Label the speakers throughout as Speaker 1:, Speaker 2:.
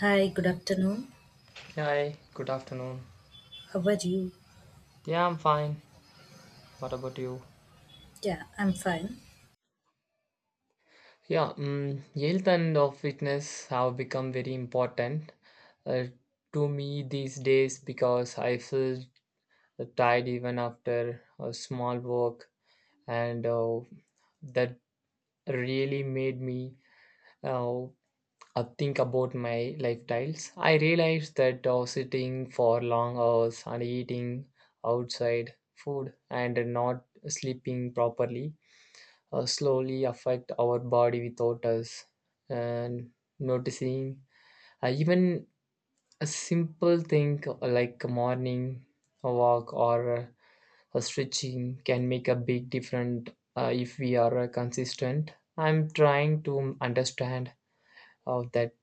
Speaker 1: Hi, good afternoon.
Speaker 2: Hi, good afternoon.
Speaker 1: How are you?
Speaker 2: Yeah, I'm fine. What about you?
Speaker 1: Yeah, I'm fine.
Speaker 2: Yeah, health and of fitness have become very important uh, to me these days because I feel tired even after a small walk, and that really made me uh, think about my lifestyles. I realized that sitting for long hours and eating outside food and not sleeping properly slowly affect our body without us and noticing even a simple thing like a morning walk or a stretching can make a big difference if we are consistent. I'm trying to understand that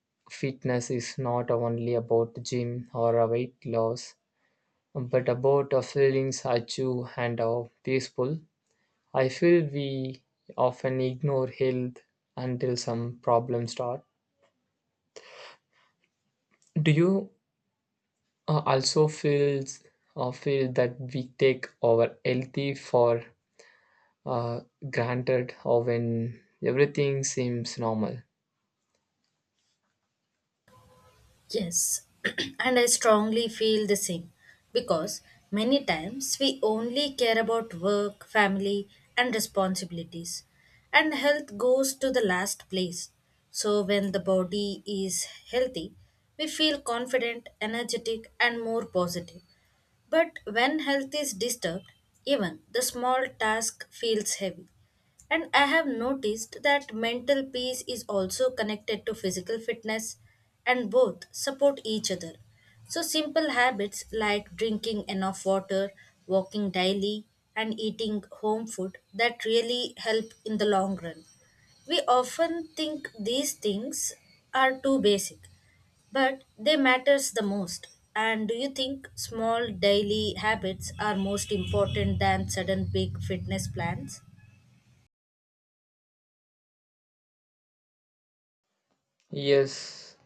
Speaker 2: fitness is not only about the gym or a weight loss but about the feelings achieve and are peaceful. I feel we often ignore health until some problems start. Do you also feel that we take our healthy for uh, granted or when everything seems normal?
Speaker 1: Yes, and I strongly feel the same because many times we only care about work, family, and responsibilities, and health goes to the last place. So, when the body is healthy, we feel confident, energetic, and more positive. But when health is disturbed, even the small task feels heavy. And I have noticed that mental peace is also connected to physical fitness, and both support each other. So, simple habits like drinking enough water, walking daily, and eating home food that really help in the long run. We often think these things are too basic, but they matters the most. And do you think small daily habits are most important than sudden big fitness plans?
Speaker 2: Yes,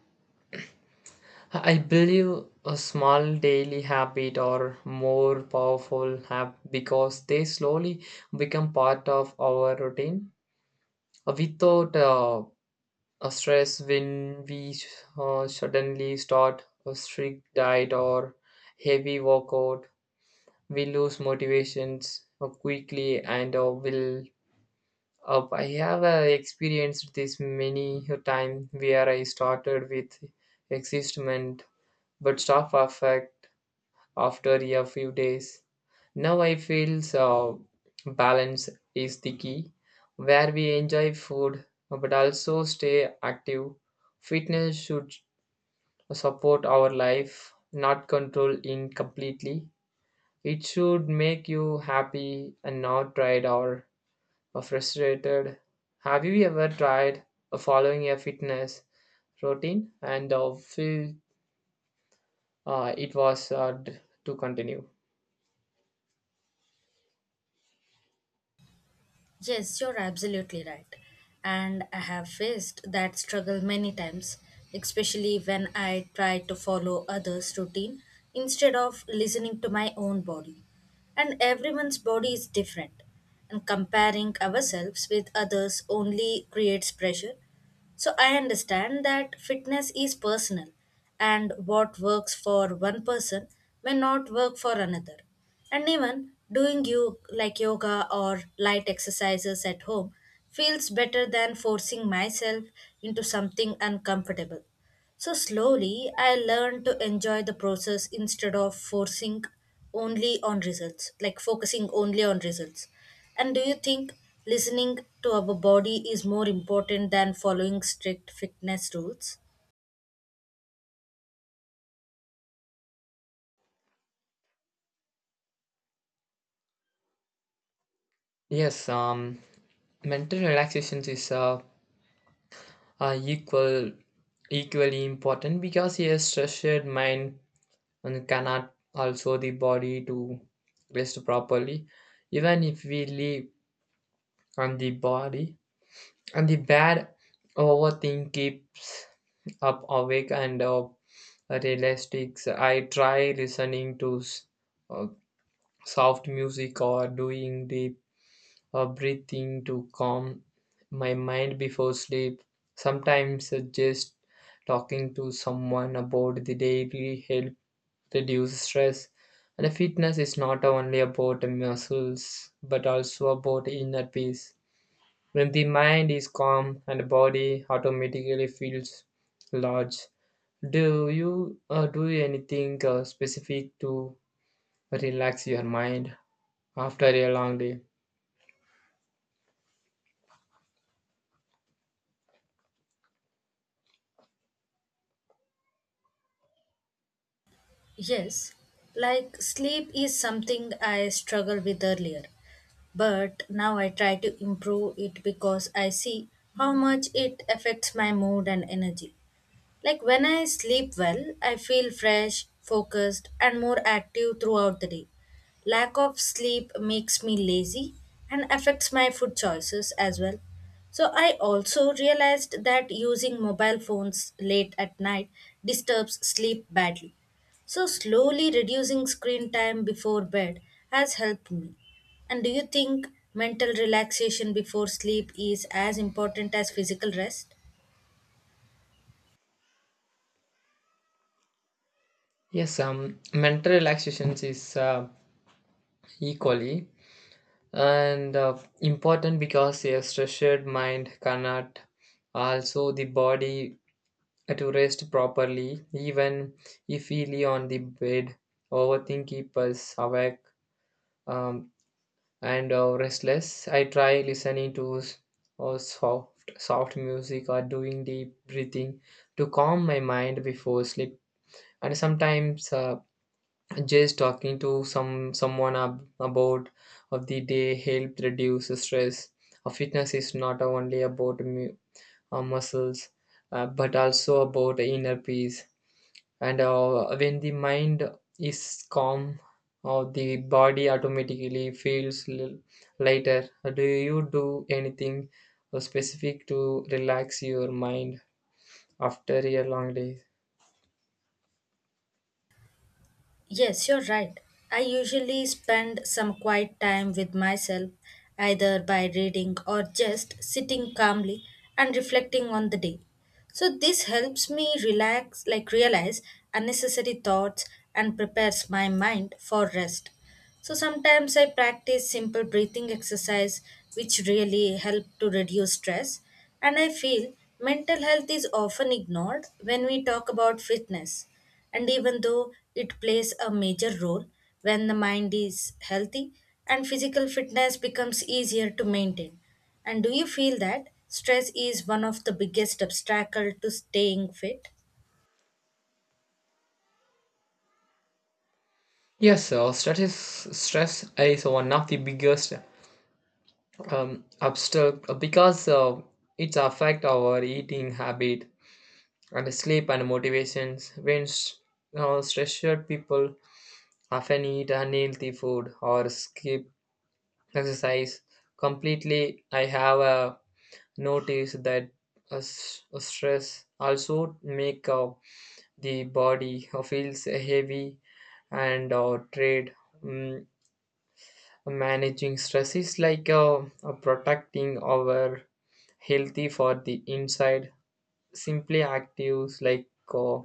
Speaker 2: I believe a small daily habit are more powerful because they slowly become part of our routine without a stress. When we suddenly start a strict diet or heavy workout, we lose motivations quickly and will up. I have experienced this many a time where I started with excitement but stop affect after a few days. Now I feel so balance is the key, where we enjoy food but also stay active. Fitness should support our life, not control in completely. It should make you happy and not tired or frustrated. Have you ever tried following a fitness routine and feel it was hard to continue?
Speaker 1: Yes, you're absolutely right. And I have faced that struggle many times, especially when I try to follow others' routine instead of listening to my own body. And everyone's body is different, and comparing ourselves with others only creates pressure, so I understand that fitness is personal and what works for one person may not work for another. And even doing you like yoga or light exercises at home feels better than forcing myself into something uncomfortable. So slowly I learned to enjoy the process instead of forcing only on results, like focusing only on results. And do you think listening to our body is more important than following strict fitness rules?
Speaker 2: Yes, um, mental relaxation is uh, equal equally important because a stressed mind and cannot also the body to rest properly even if we live on the body and the bad overthink keeps up awake and realistics. I try listening to uh, soft music or doing deep breathing to calm my mind before sleep. Sometimes just talking to someone about the daily help reduce stress. And fitness is not only about muscles but also about inner peace. When the mind is calm and the body automatically feels large. Do you do anything specific to relax your mind after a long day?
Speaker 1: Yes. Like sleep is something I struggled with earlier, but now I try to improve it because I see how much it affects my mood and energy. Like when I sleep well, I feel fresh, focused, and more active throughout the day. Lack of sleep makes me lazy and affects my food choices as well. So I also realized that using mobile phones late at night disturbs sleep badly. So slowly reducing screen time before bed has helped me. And do you think mental relaxation before sleep is as important as physical rest?
Speaker 2: Yes, mental relaxation is equally and important because a stressed mind cannot also the body to rest properly, even if we lay on the bed. Overthink keeps us awake um, and restless. I try listening to or soft music or doing deep breathing to calm my mind before sleep. And sometimes just talking to someone about of the day help reduce the stress. Fitness is not only about muscles, but also about inner peace and when the mind is calm, the body automatically feels lighter. Do you do anything specific to relax your mind after a long day?
Speaker 1: Yes, you're right. I usually spend some quiet time with myself, either by reading or just sitting calmly and reflecting on the day. So this helps me relax, like realize unnecessary thoughts and prepares my mind for rest. So sometimes I practice simple breathing exercise which really help to reduce stress, and I feel mental health is often ignored when we talk about fitness, and even though it plays a major role, when the mind is healthy and physical fitness becomes easier to maintain. And do you feel that stress is one of the biggest obstacle to staying fit?
Speaker 2: Yes, so stress is one of the biggest um, obstacle because it affects our eating habit and sleep and motivations. When stressed people often eat unhealthy food or skip exercise completely. I have noticed that stress also make the body feels heavy and trade. Mm, managing stress is like protecting our healthy for the inside. Simply actives like uh,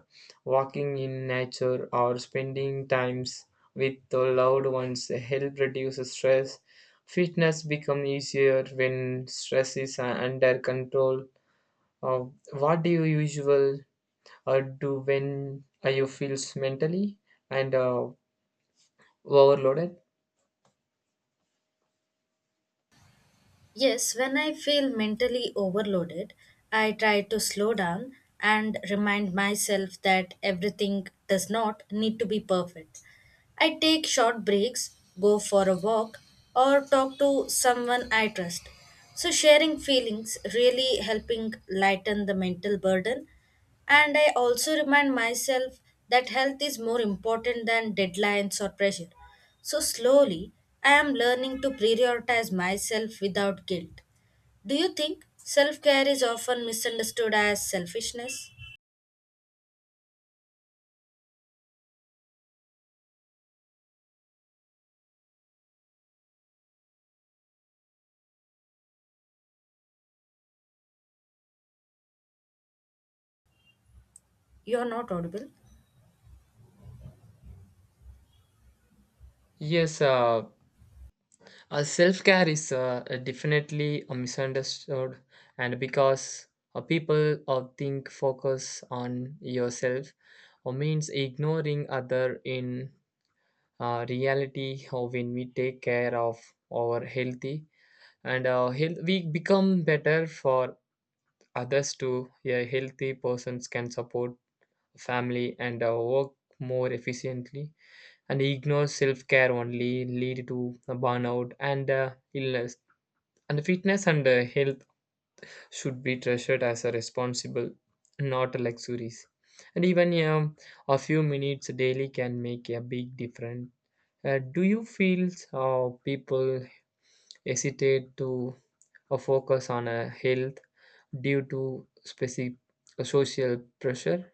Speaker 2: walking in nature or spending times with the loved ones help reduce stress. Fitness become easier when stress is under control. Uh, what do you usually do when you feel mentally and overloaded?
Speaker 1: Yes, when I feel mentally overloaded, I try to slow down and remind myself that everything does not need to be perfect. I take short breaks, go for a walk, or talk to someone I trust. So sharing feelings really helping lighten the mental burden, and I also remind myself that health is more important than deadlines or pressure. So slowly, I am learning to prioritize myself without guilt. Do you think self care is often misunderstood as selfishness? You are not audible?
Speaker 2: yes uh, Self care is definitely a misunderstood, and because people think focus on yourself or means ignoring other in reality, or when we take care of our healthy and health, we become better for others too. A healthy persons can support family and work more efficiently, and ignore self care only lead to burnout and illness. And fitness and health should be treasured as a responsible, not luxuries. And even a few minutes daily can make a big difference. Do you feel people hesitate to focus on health due to specific social pressure?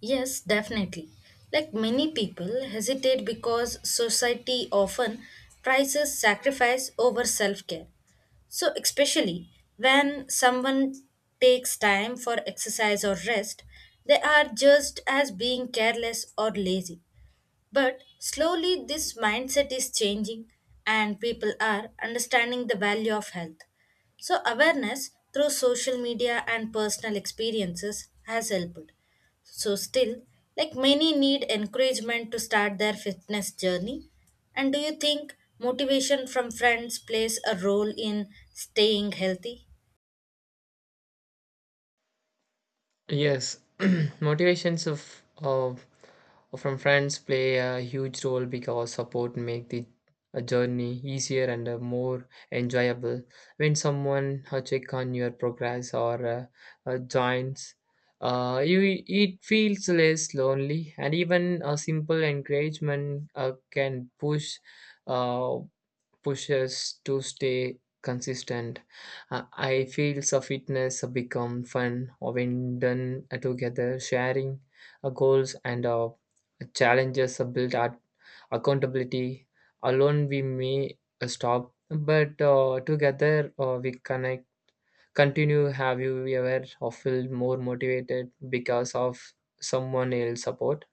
Speaker 1: Yes, definitely. Like many people hesitate because society often prizes sacrifice over self care. So, especially when someone takes time for exercise or rest, they are just as being careless or lazy. But slowly, this mindset is changing, and people are understanding the value of health. So, awareness through social media and personal experiences has helped. So, still, like many need encouragement to start their fitness journey. And do you think motivation from friends plays a role in staying healthy?
Speaker 2: Yes, motivations of from friends play a huge role because support make the journey easier and more enjoyable. When someone check on your progress or joins, you it feels less lonely, and even a simple encouragement can push. Uh, Push us to stay consistent. I feel so fitness become fun when done together, sharing goals and challenges build our accountability. Alone we may stop, but together we connect. Continue. Have you ever felt more motivated because of someone else support?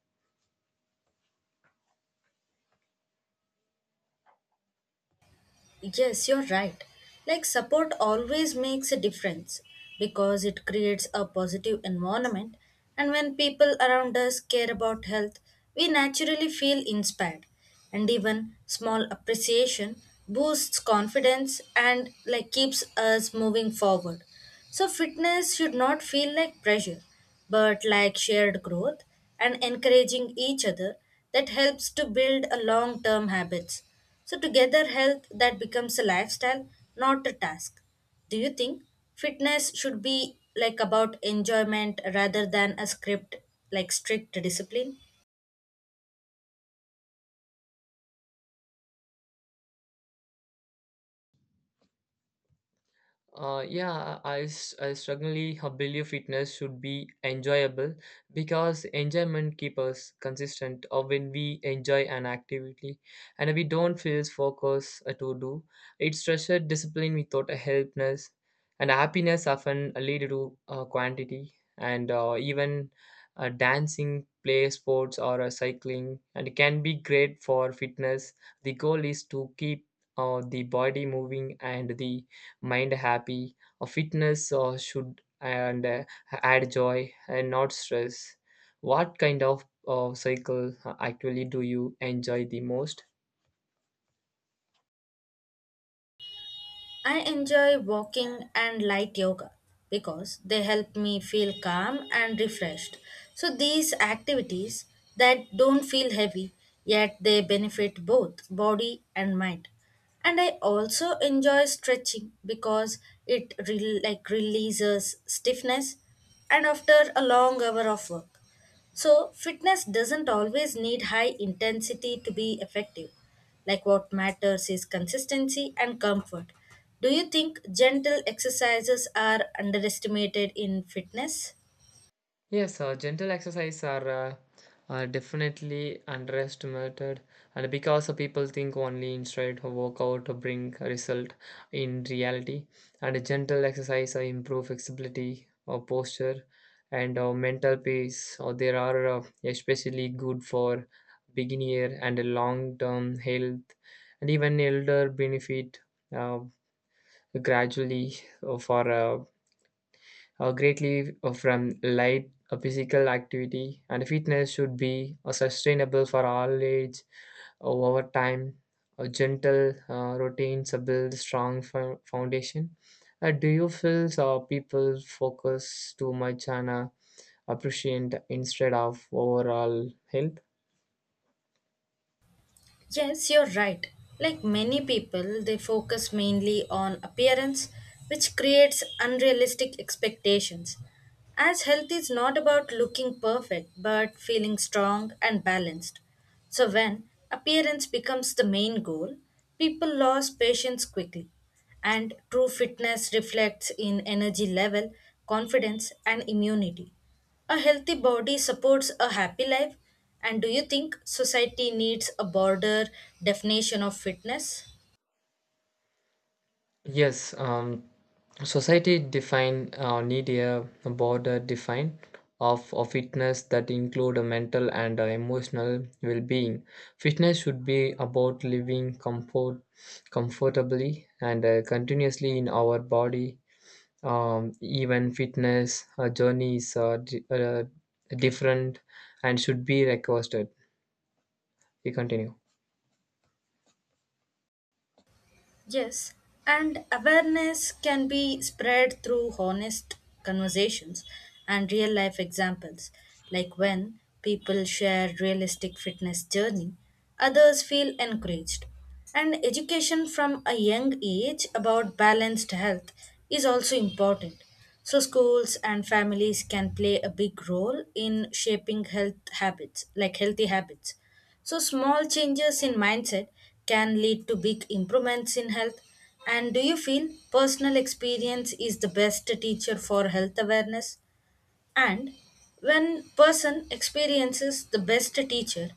Speaker 1: Yes, you're right. Like support always makes a difference because it creates a positive environment, and when people around us care about health, we naturally feel inspired, and even small appreciation boosts confidence and like keeps us moving forward. So, fitness should not feel like pressure, but like shared growth and encouraging each other that helps to build a long term habits. So, together, health that becomes a lifestyle, not a task. Do you think fitness should be like about enjoyment rather than a script, like strict discipline?
Speaker 2: Yeah, I strongly believe fitness should be enjoyable because enjoyment keeps us consistent or when we enjoy an activity and we don't feel focused to do. It's structure discipline without a helpness and happiness often lead to quantity and even dancing, play sports or cycling and it can be great for fitness. The goal is to keep the body moving and the mind happy. A fitness should and add joy and not stress. What kind of cycle actually do you enjoy the most?
Speaker 1: I enjoy walking and light yoga because they help me feel calm and refreshed. So these activities that don't feel heavy yet they benefit both body and mind. And I also enjoy stretching because like releases stiffness and after a long hour of work. So, fitness doesn't always need high intensity to be effective. Like what matters is consistency and comfort. Do you think gentle exercises are underestimated in fitness?
Speaker 2: Yes, gentle exercise are definitely underestimated, and because people think only inside a workout bring a result in reality, and gentle exercise improve flexibility or posture and mental peace. Or they are especially good for beginner and long term health, and even elder benefit uh, gradually for greatly from light physical activity. And fitness should be sustainable for all age over time. A gentle routines build strong foundation. Do you feel people focus too much on appreciate instead of overall health?
Speaker 1: Yes, you're right. Like many people, they focus mainly on appearance, which creates unrealistic expectations. As health is not about looking perfect, but feeling strong and balanced. So, when appearance becomes the main goal, people lose patience quickly. And true fitness reflects in energy level, confidence, and immunity. A healthy body supports a happy life. And do you think society needs a broader definition of fitness?
Speaker 2: Yes, society define need a border define of fitness that include a mental and emotional well-being. Fitness should be about living comfortably and continuously in our body. Even fitness journeys are different and should be requested. You continue.
Speaker 1: Yes, and awareness can be spread through honest conversations and real life examples, like when people share realistic fitness journey, others feel encouraged. And education from a young age about balanced health is also important. So schools and families can play a big role in shaping health habits, like healthy habits. So, small changes in mindset can lead to big improvements in health. And do you feel personal experience is the best teacher for health awareness? And when person experiences the best teacher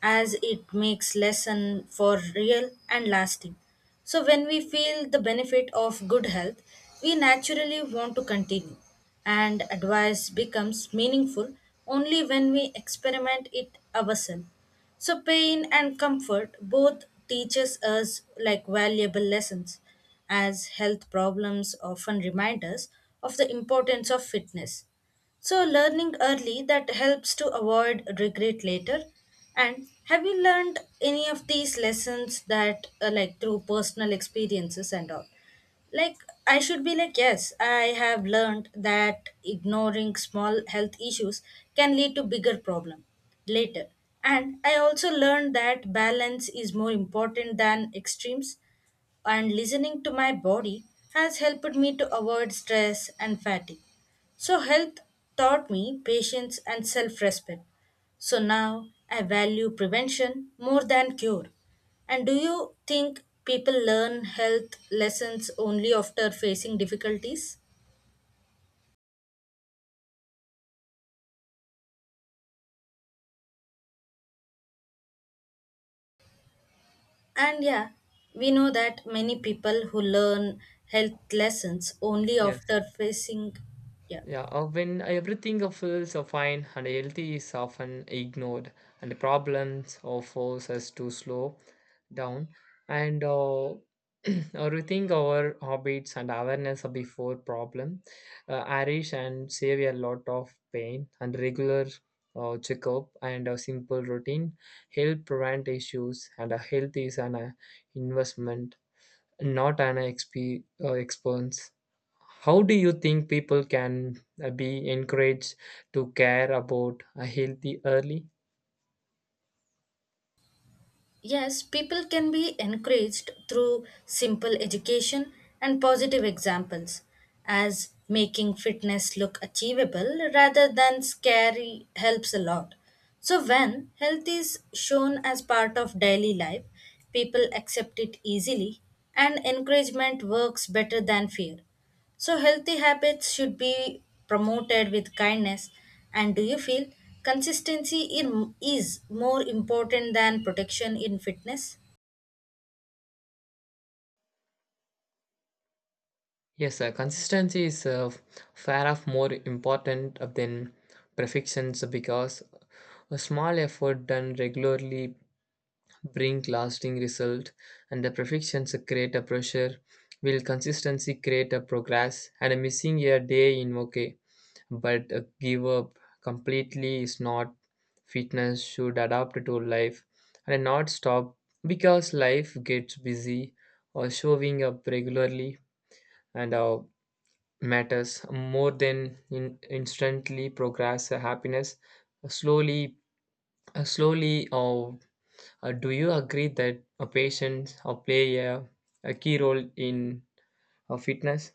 Speaker 1: as it makes lesson for real and lasting, so when we feel the benefit of good health we naturally want to continue, and advice becomes meaningful only when we experiment it ourselves, so pain and comfort both teaches us like valuable lessons as health problems often remind us of the importance of fitness. So, learning early that helps to avoid regret later. And have you learned any of these lessons that, like, through personal experiences and all? Like, I should be like, yes, I have learned that ignoring small health issues can lead to bigger problem later. And I also learned that balance is more important than extremes and listening to my body has helped me to avoid stress and fatigue. So, health taught me patience and self respect. So, now I value prevention more than cure. And do you think people learn health lessons only after facing difficulties? And yeah, we know that many people who learn health lessons only
Speaker 2: Yes.
Speaker 1: after facing, yeah.
Speaker 2: Yeah, when everything feels fine and healthy is often ignored, and problems force us to slow down and rethink our habits and awareness before problem. Irish and save a lot of pain and regular checkup and a simple routine help prevent issues, and a health is an investment not an expense. How do you think people can be encouraged to care about a healthy early?
Speaker 1: Yes, people can be encouraged through simple education and positive examples, as making fitness look achievable rather than scary helps a lot. So, when health is shown as part of daily life, people accept it easily, and encouragement works better than fear. So, healthy habits should be promoted with kindness. And do you feel consistency in, is more important than protection in fitness?
Speaker 2: Yes, sir. Consistency is far of more important than perfections because a small effort done regularly bring lasting result and the perfections create a pressure will consistency create a progress and a missing a day in okay but give up completely is not. Fitness should adapt to life and not stop because life gets busy or showing up regularly and matters more than in instantly progress happiness slowly slowly. Or do you agree that a patient play a key role in fitness?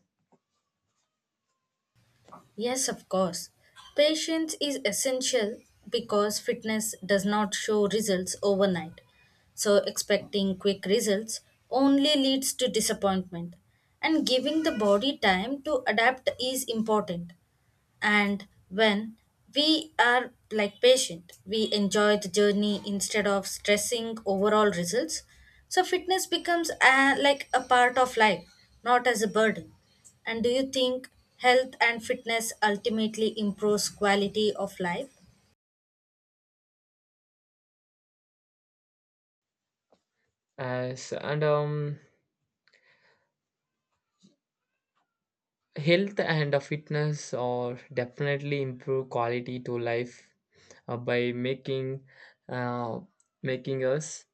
Speaker 1: Yes, of course. Patience is essential because fitness does not show results overnight. So, expecting quick results only leads to disappointment. And giving the body time to adapt is important. And when we are like patient, we enjoy the journey instead of stressing overall results, so fitness becomes a, like a part of life, not as a burden. And do you think health and fitness ultimately improves quality of life?
Speaker 2: As and health and fitness are definitely improve quality to life by uh, making us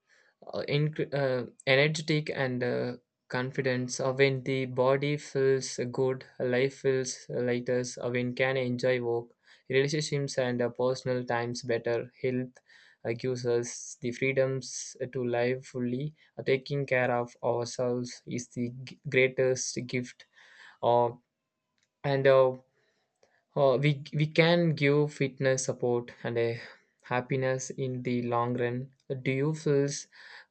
Speaker 2: energetic and confident. When the body feels good life feels lighter, when can enjoy work relationships and personal times. Better health gives us the freedoms to live fully. Taking care of ourselves is the greatest gift uh, and we can give. Fitness support and a happiness in the long run. Do you feel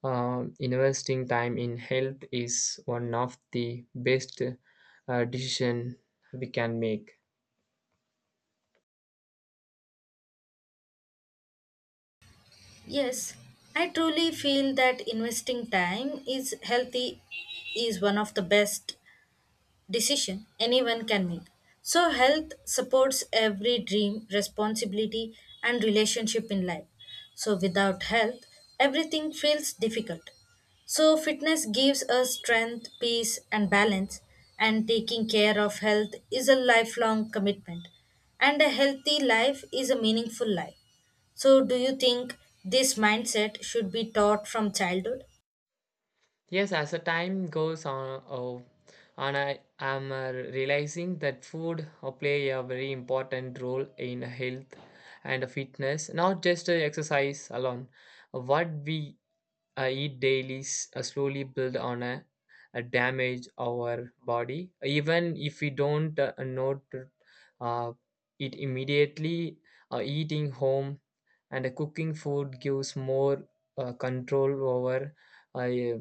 Speaker 2: investing time in health is one of the best decision we can make?
Speaker 1: Yes, I truly feel that investing time is healthy is one of the best decision anyone can make. So, health supports every dream, responsibility, and relationship in life. So, without health, everything feels difficult. So, fitness gives us strength, peace, and balance, and taking care of health is a lifelong commitment. And a healthy life is a meaningful life. So, do you think this mindset should be taught from childhood?
Speaker 2: Yes, as the time goes on, oh, and I am realizing that food play a very important role in health and fitness, not just exercise alone. What we I eat daily, slowly build on a damage our body. Even if we don't note uh, eat immediately, eating home and cooking food gives more control over uh,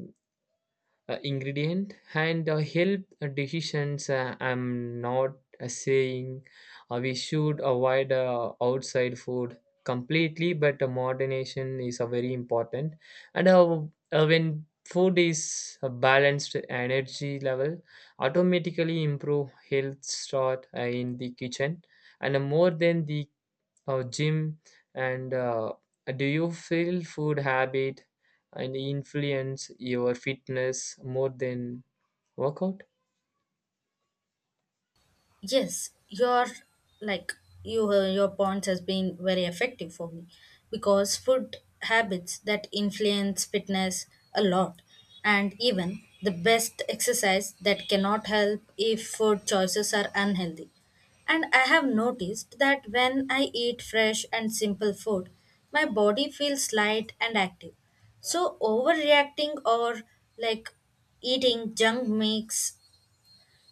Speaker 2: ingredient and help decisions. I'm not saying we should avoid outside food completely, but moderation is very important. And when food is a balanced energy level automatically improve health start in the kitchen and more than the or gym and do you feel food habit and influence your fitness more than workout?
Speaker 1: Yes, your like your points has been very effective for me because food habits that influence fitness a lot, and even the best exercise that cannot help if food choices are unhealthy. And I have noticed that when I eat fresh and simple food, my body feels light and active. So overreacting or like eating junk makes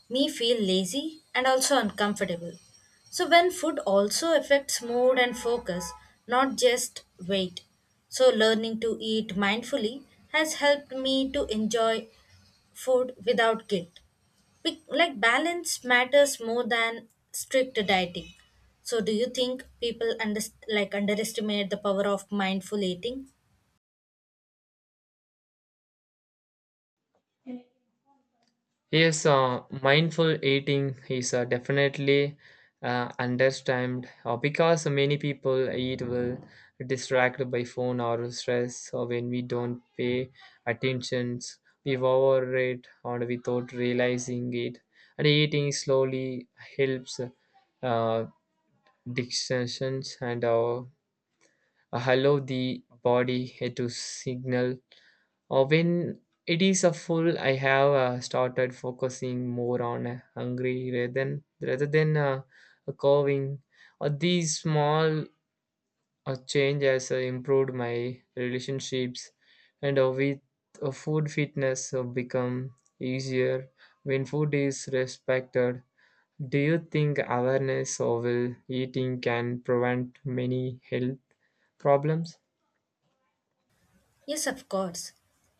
Speaker 1: me feel lazy and also uncomfortable. So, when food also affects mood and focus, not just weight. So, learning to eat mindfully has helped me to enjoy food without guilt. Be- like, balance matters more than strict dieting. So, do you think people under- like underestimate the power of mindful eating?
Speaker 2: Yes, mindful eating is definitely understand because many people eat well distracted by phone or stress, or when we don't pay attention we overeat or without realizing it. And eating slowly helps uh, distractions and allow the body to signal or when it is a full. I have started focusing more on hungry rather than a coving or these small changes improved my relationships and with food. Fitness become easier when food is respected. Do you think awareness of eating can prevent many health problems?
Speaker 1: Yes, of course.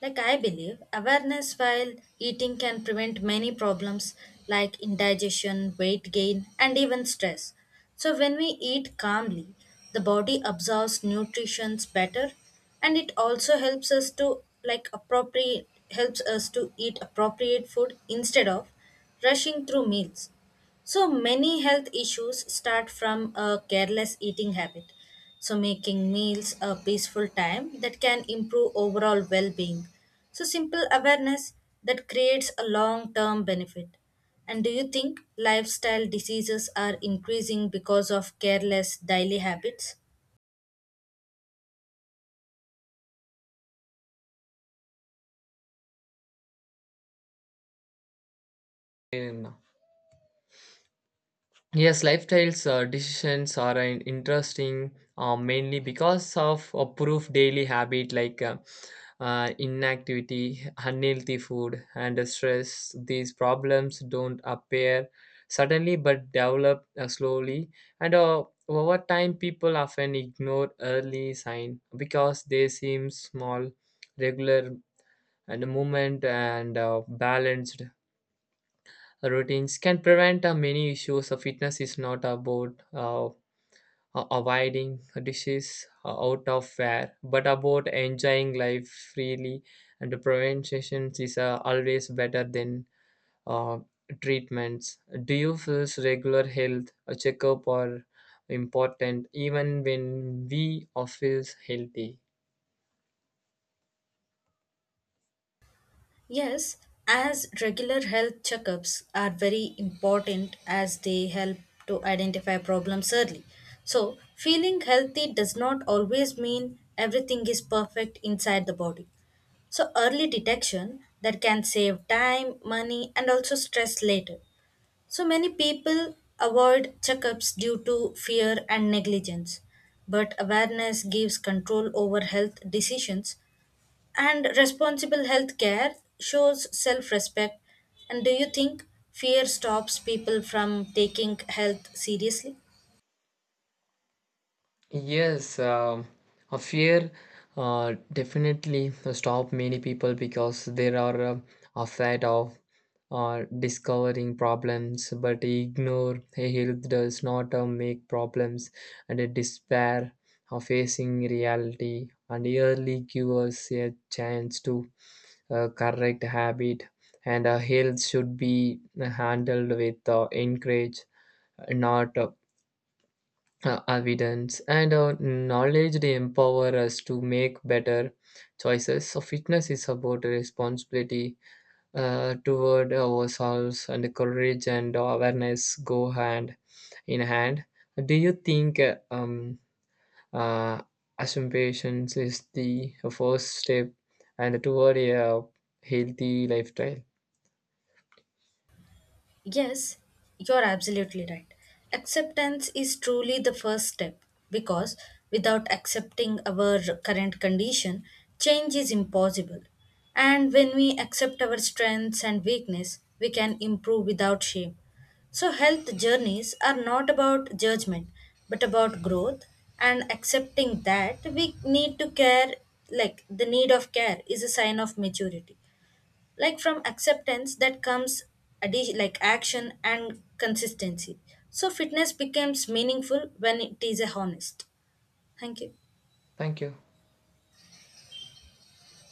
Speaker 1: Like I believe, awareness while eating can prevent many problems like indigestion, weight gain, and even stress. So, when we eat calmly, the body absorbs nutrition better, and it also helps us to like appropriate helps us to eat appropriate food instead of rushing through meals. So many health issues start from a careless eating habit. So making meals a peaceful time that can improve overall well-being. So simple awareness that creates a long-term benefit. And do you think lifestyle diseases are increasing because of careless daily habits?
Speaker 2: And yes, lifestyles decisions are interesting mainly because of approved daily habit like inactivity, unhealthy food, and stress. These problems don't appear suddenly but develop slowly, and over time, people often ignore early sign because they seem small. Regular and movement and balanced routines can prevent many issues. Fitness is not about avoiding dishes out of fare, but about enjoying life freely. And the prevention is always better than uh, treatments. Do you feel regular health a checkup or important even when we are feels healthy?
Speaker 1: Yes, as regular health checkups are very important as they help to identify problems early. So, feeling healthy does not always mean everything is perfect inside the body. So, early detection that can save time, money, and also stress later. So, many people avoid checkups due to fear and negligence, but awareness gives control over health decisions and responsible healthcare shows self respect. And do you think fear stops people from taking health seriously?
Speaker 2: Yes, a fear definitely stop many people because they are afraid of discovering problems, but ignore a health does not make problems and a despair of facing reality and early give a chance to correct habit and health should be handled with encourage, not evidence and knowledge. They empower us to make better choices, so fitness is about responsibility toward ourselves and the courage and awareness go hand in hand. Do you think uh, assumptions is the first step and toward a healthy lifestyle?
Speaker 1: Yes, you're absolutely right. Acceptance is truly the first step because without accepting our current condition, change is impossible. And when we accept our strengths and weakness, we can improve without shame. So, health journeys are not about judgment but about growth and accepting that we need to care, like the need of care is a sign of maturity, like from acceptance that comes like action and consistency, so fitness becomes meaningful when it is a honest. Thank you.
Speaker 2: Thank you.